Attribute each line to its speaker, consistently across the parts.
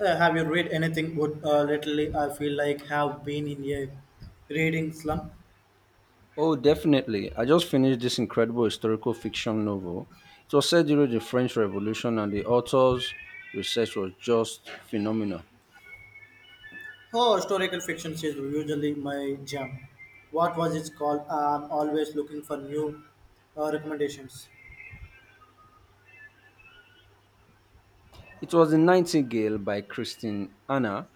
Speaker 1: Have you read anything good lately? I feel like have been in a reading slump.
Speaker 2: Oh, definitely. I just finished this incredible historical fiction novel. It was set during the French Revolution, and the author's research was just phenomenal.
Speaker 1: Oh, historical fiction is usually my jam. What was it called? I'm always looking for new recommendations.
Speaker 2: It was The Nightingale by Christine Anna.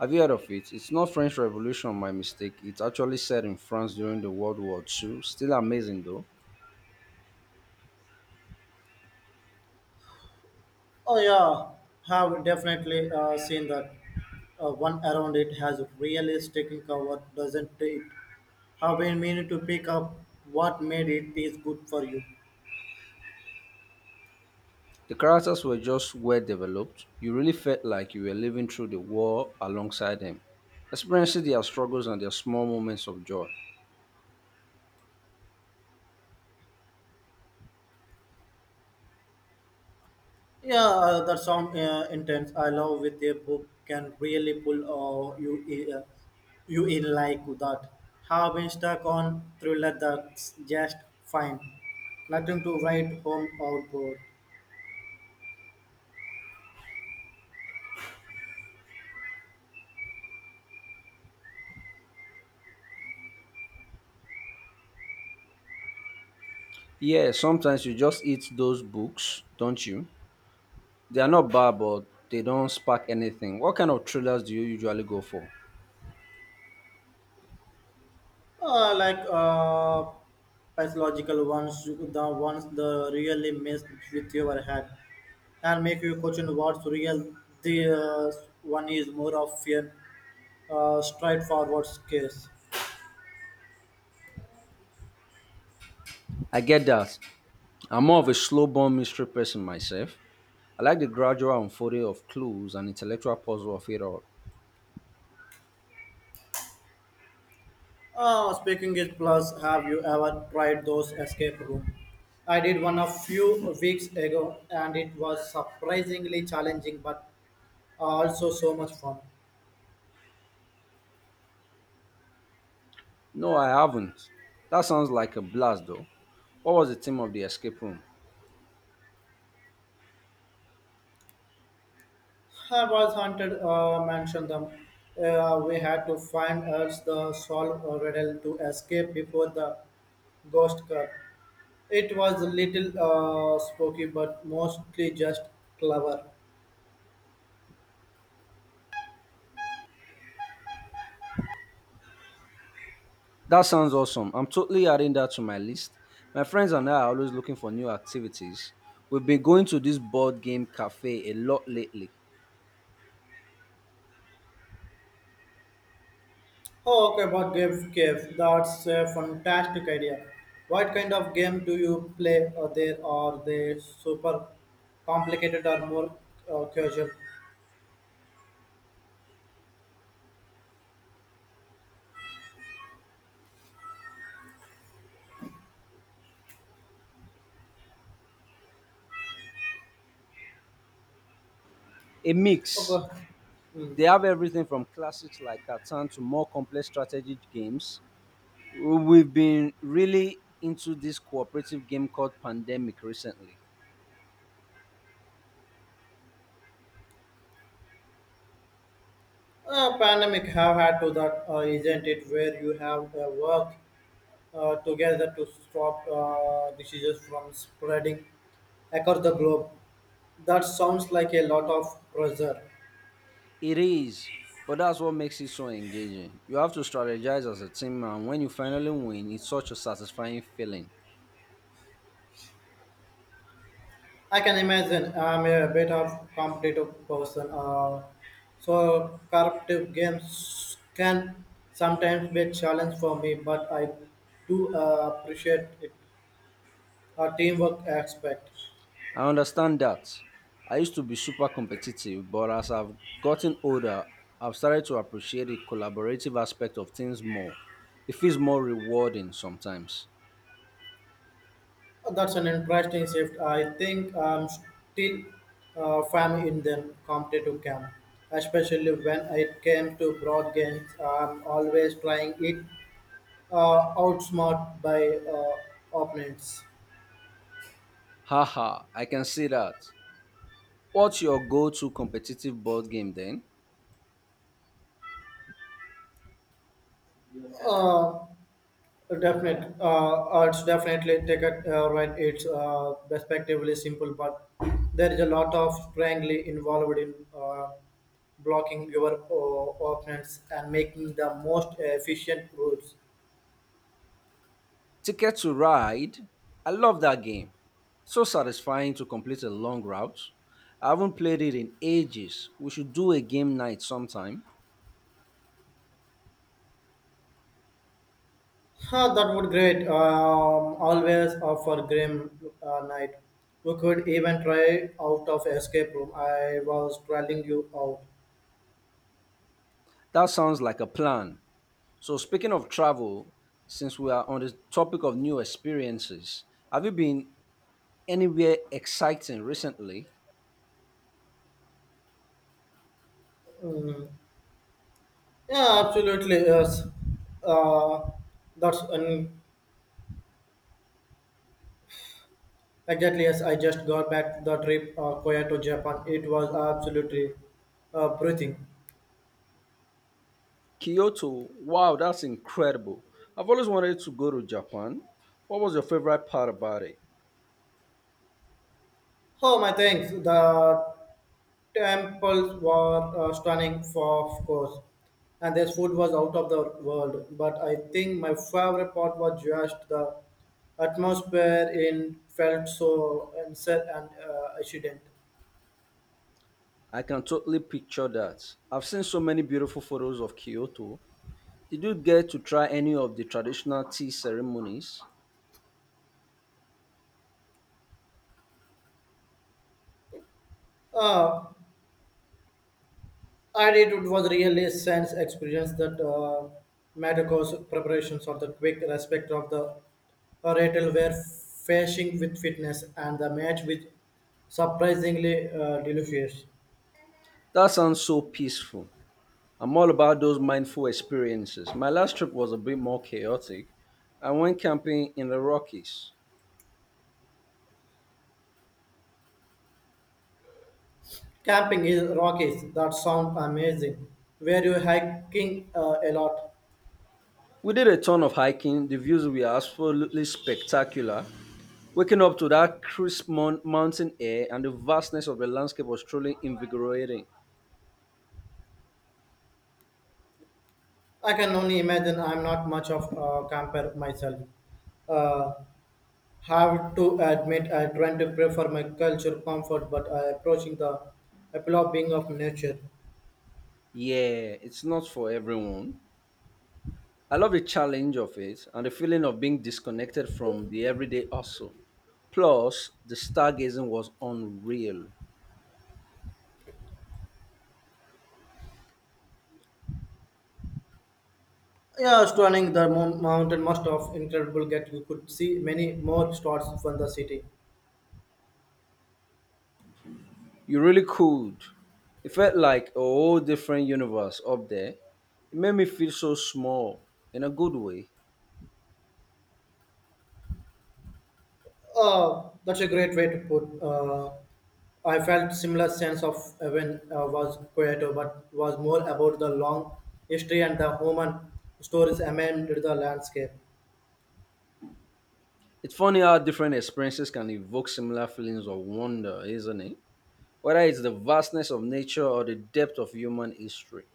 Speaker 2: Have you heard of it? It's not French Revolution, my mistake. It's actually set in France during the World War II. Still amazing, though.
Speaker 1: Oh yeah, have definitely seen that. One around it has really taken cover, doesn't it? Have been meaning to pick up what made it taste good for you.
Speaker 2: The characters were just well developed. You really felt like you were living through the war alongside them, experiencing their struggles and their small moments of joy.
Speaker 1: Yeah, that sound intense. I love with a book can really pull uh, you in, uh, you in like that. Have been stuck on thriller that's just fine. Nothing to write home about.
Speaker 2: Yeah, sometimes you just eat those books, don't you? They are not bad, but they don't spark anything. What kind of thrillers do you usually go for?
Speaker 1: Uh, like uh, pathological ones, the ones that really mess with your head and make you question what's real. The one is more of an straightforward case.
Speaker 2: I get that. I'm more of a slow burn mystery person myself. I like the gradual unfolding of clues and intellectual puzzle of it all.
Speaker 1: Speaking is plus, have you ever tried those escape room? I did one a few weeks ago and it was surprisingly challenging but also so much fun.
Speaker 2: No, I haven't. That sounds like a blast, though. What was the theme of the escape room?
Speaker 1: I was hunted, mentioned them. We had to find us the solve a riddle to escape before the ghost car. It was a little spooky but mostly just clever.
Speaker 2: That sounds awesome. I'm totally adding that to my list. My friends and I are always looking for new activities. We've been going to this board game cafe a lot lately.
Speaker 1: Oh, okay, about game cave. That's a fantastic idea. What kind of game do you play? Are they super complicated or more casual?
Speaker 2: A mix.
Speaker 1: Okay. Hmm.
Speaker 2: They have everything from classics like Catan to more complex strategy games. We've been really into this cooperative game called Pandemic recently.
Speaker 1: Pandemic have had to that, isn't it? Where you have work together to stop diseases from spreading across the globe. That sounds like a lot of pressure.
Speaker 2: It is, but that's what makes it so engaging. You have to strategize as a team, and when you finally win, it's such a satisfying feeling.
Speaker 1: I can imagine. I'm a bit of competitive person, so cooperative games can sometimes be a challenge for me. But I do appreciate it, a teamwork aspect.
Speaker 2: I understand that. I used to be super competitive, but as I've gotten older, I've started to appreciate the collaborative aspect of things more. It feels more rewarding sometimes.
Speaker 1: That's an interesting shift. I think I'm still firm in the competitive camp, especially when it came to broad games. I'm always trying it outsmart by opponents.
Speaker 2: Haha, I can see that. What's your go to competitive board game then?
Speaker 1: Uh, it's definitely take it right. It's respectively simple, but there is a lot of strangely involved in blocking your opponents and making the most efficient routes.
Speaker 2: Ticket to Ride? I love that game. So satisfying to complete a long route. I haven't played it in ages. We should do a game night sometime.
Speaker 1: Huh, that would great. Always offer grim night. You could even try out of escape room. I was trailing you out.
Speaker 2: That sounds like a plan. So, speaking of travel, since we are on the topic of new experiences, have you been anywhere exciting recently?
Speaker 1: Mm. Yeah, absolutely. Yes. Uh, that's an Exactly, yes. I just got back the trip Koya to Japan. It was absolutely breathing.
Speaker 2: Kyoto. Wow, that's incredible. I've always wanted to go to Japan. What was your favorite part about it?
Speaker 1: Oh, my thanks. The temples were stunning, for of course, and their food was out of the world. But I think my favorite part was just the atmosphere in felt so unsaid and accident.
Speaker 2: I can totally picture that. I've seen so many beautiful photos of Kyoto. Did you get to try any of the traditional tea ceremonies?
Speaker 1: Uh, I did. It was really a sense experience that matters preparation or the quick respect of the Rattle were facing with fitness and the match with surprisingly delicious.
Speaker 2: That sounds so peaceful. I'm all about those mindful experiences. My last trip was a bit more chaotic. I went camping in the Rockies.
Speaker 1: Camping in Rockies, that sounds amazing. Were you hiking a lot?
Speaker 2: We did a ton of hiking. The views were absolutely spectacular. Waking up to that crisp mountain air and the vastness of the landscape was truly invigorating.
Speaker 1: I can only imagine I'm not much of a camper myself. Uh, have to admit I tend to prefer my culture comfort, but I approaching the absorbing of nature.
Speaker 2: Yeah, it's not for everyone. I love the challenge of it and the feeling of being disconnected from the everyday hustle. Plus, the stargazing was unreal.
Speaker 1: Yeah, stunning. The mountain must have incredible get. You could see many more stars from the city.
Speaker 2: You really could. It felt like a whole different universe up there. It made me feel so small in a good way.
Speaker 1: That's a great way to put. I felt similar sense of when was Kyoto, but was more about the long history and the human stories amid the landscape.
Speaker 2: It's funny how different experiences can evoke similar feelings of wonder, isn't it? Whether it's the vastness of nature or the depth of human history.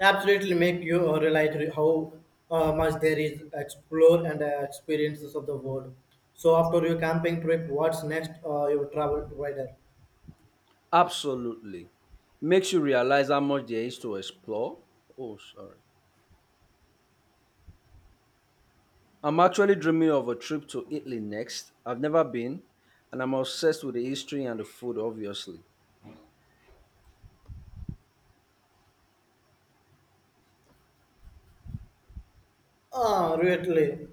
Speaker 1: Absolutely, make you realize how much there is explore and experiences of the world. So after your camping trip, what's next? Your travel provider.
Speaker 2: Absolutely. Makes you realize how much there is to explore. Oh, sorry. I'm actually dreaming of a trip to Italy next. I've never been, and I'm obsessed with the history and the food, obviously.
Speaker 1: Ah, really.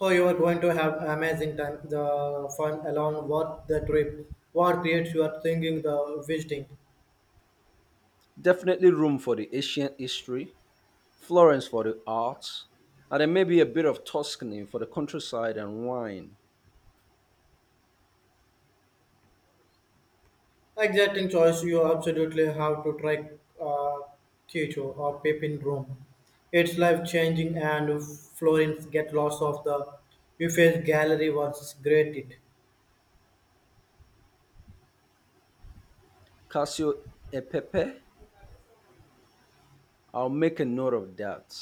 Speaker 1: Oh, you are going to have amazing time. The fun along what the trip. What creates you are thinking, the visiting.
Speaker 2: Definitely room for the ancient history, Florence for the arts, and then maybe a bit of Tuscany for the countryside and wine.
Speaker 1: Exacting choice, you absolutely have to try uh, Kyoto or Pepin Rome. It's life changing and Florence get lost of the Uffizi gallery was great it.
Speaker 2: Casio e Pepe. I'll make a note of that.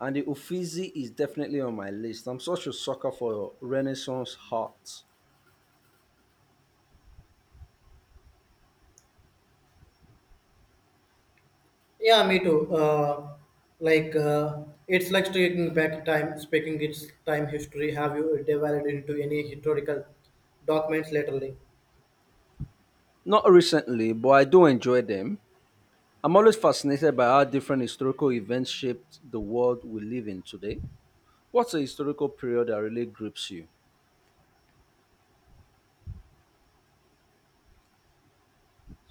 Speaker 2: And the Uffizi is definitely on my list. I'm such a sucker for Renaissance art.
Speaker 1: Yeah, me too. Like uh, it's like taking back time, speaking its time history. Have you delved into any historical documents lately?
Speaker 2: Not recently, but I do enjoy them. I'm always fascinated by how different historical events shaped the world we live in today. What's a historical period that really grips you?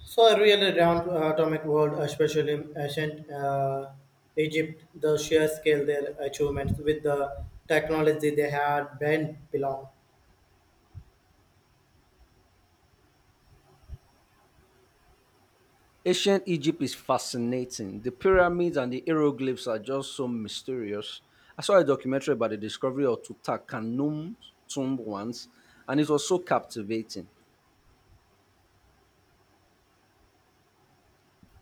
Speaker 1: So a real round atomic world, especially in ancient Egypt, the sheer scale their achievements with the technology they had been belong.
Speaker 2: Ancient Egypt is fascinating. The pyramids and the hieroglyphs are just so mysterious. I saw a documentary about the discovery of Tutankhamun's tomb once, and it was so captivating.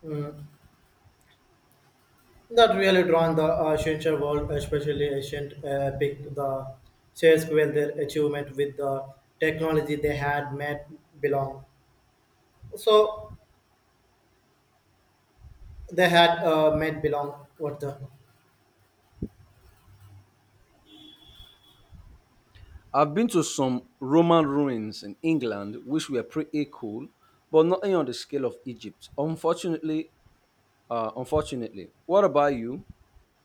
Speaker 1: Mm. That really drawn the ancient world, especially ancient epic, the sheer scale their achievement with the technology they had made belong. So they had made belong what the.
Speaker 2: I've been to some Roman ruins in England which were pretty cool, but nothing on the scale of Egypt. Unfortunately. What about you?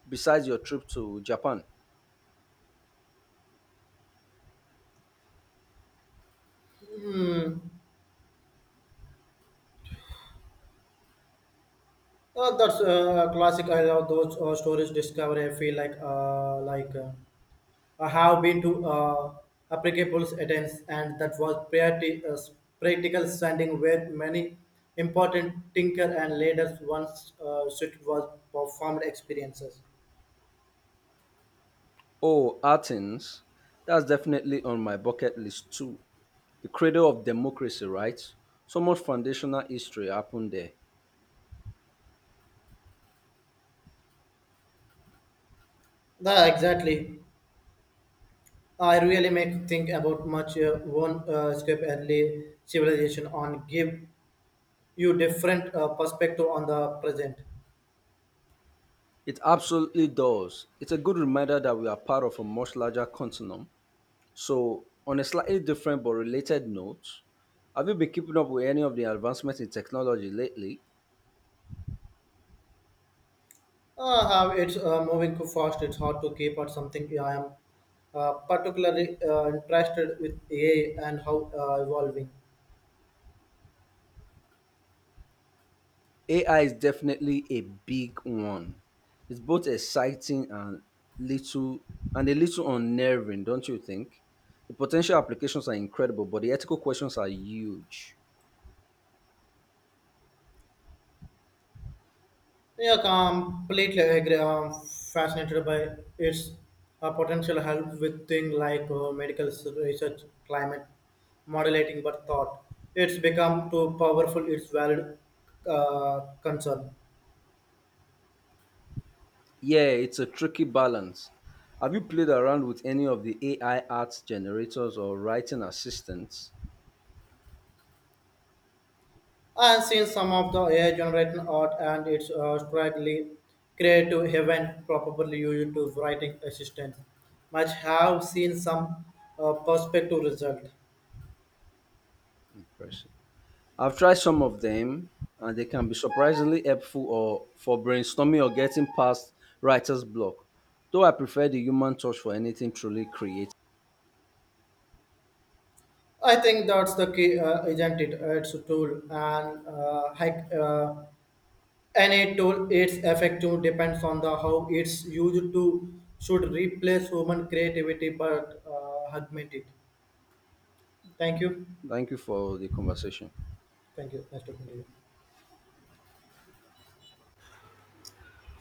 Speaker 2: Besides your trip to Japan?
Speaker 1: Hmm. That's classic. I love those stories. Discovery. I feel like like. I have been to applicable attempts, and that was pretty, practical standing where many important thinker and leaders once should was performed experiences.
Speaker 2: Oh, Athens. That's definitely on my bucket list too. The cradle of democracy, right? So much foundational history happened there.
Speaker 1: Yeah, exactly. I really make think about much one escape early civilization on give you different perspective on the present.
Speaker 2: It absolutely does. It's a good reminder that we are part of a much larger continent. So, on a slightly different but related note, have you been keeping up with any of the advancements in technology lately?
Speaker 1: How it's moving too fast. It's hard to keep or something. Yeah, I am particularly interested with AI and how evolving.
Speaker 2: AI is definitely a big one. It's both exciting and little and a little unnerving, don't you think? The potential applications are incredible, but the ethical questions are huge.
Speaker 1: Yeah, completely agree. I'm fascinated by its potential help with things like medical research, climate modulating, but thought. It's become too powerful. It's valid concern.
Speaker 2: Yeah, it's a tricky balance. Have you played around with any of the AI art generators or writing assistants?
Speaker 1: I've seen some of the AI generated art and it's strikingly creative heaven, probably used to writing assistant. Much have seen some perspective result.
Speaker 2: Impressive. I've tried some of them, and they can be surprisingly helpful or for brainstorming or getting past writer's block. Though I prefer the human touch for anything truly creative.
Speaker 1: I think that's the key, isn't it? It's a tool, and any tool, its effective depends on the how it's used to should replace human creativity but augment it. Thank you.
Speaker 2: Thank you for the conversation.
Speaker 1: Thank you. Nice talking to you.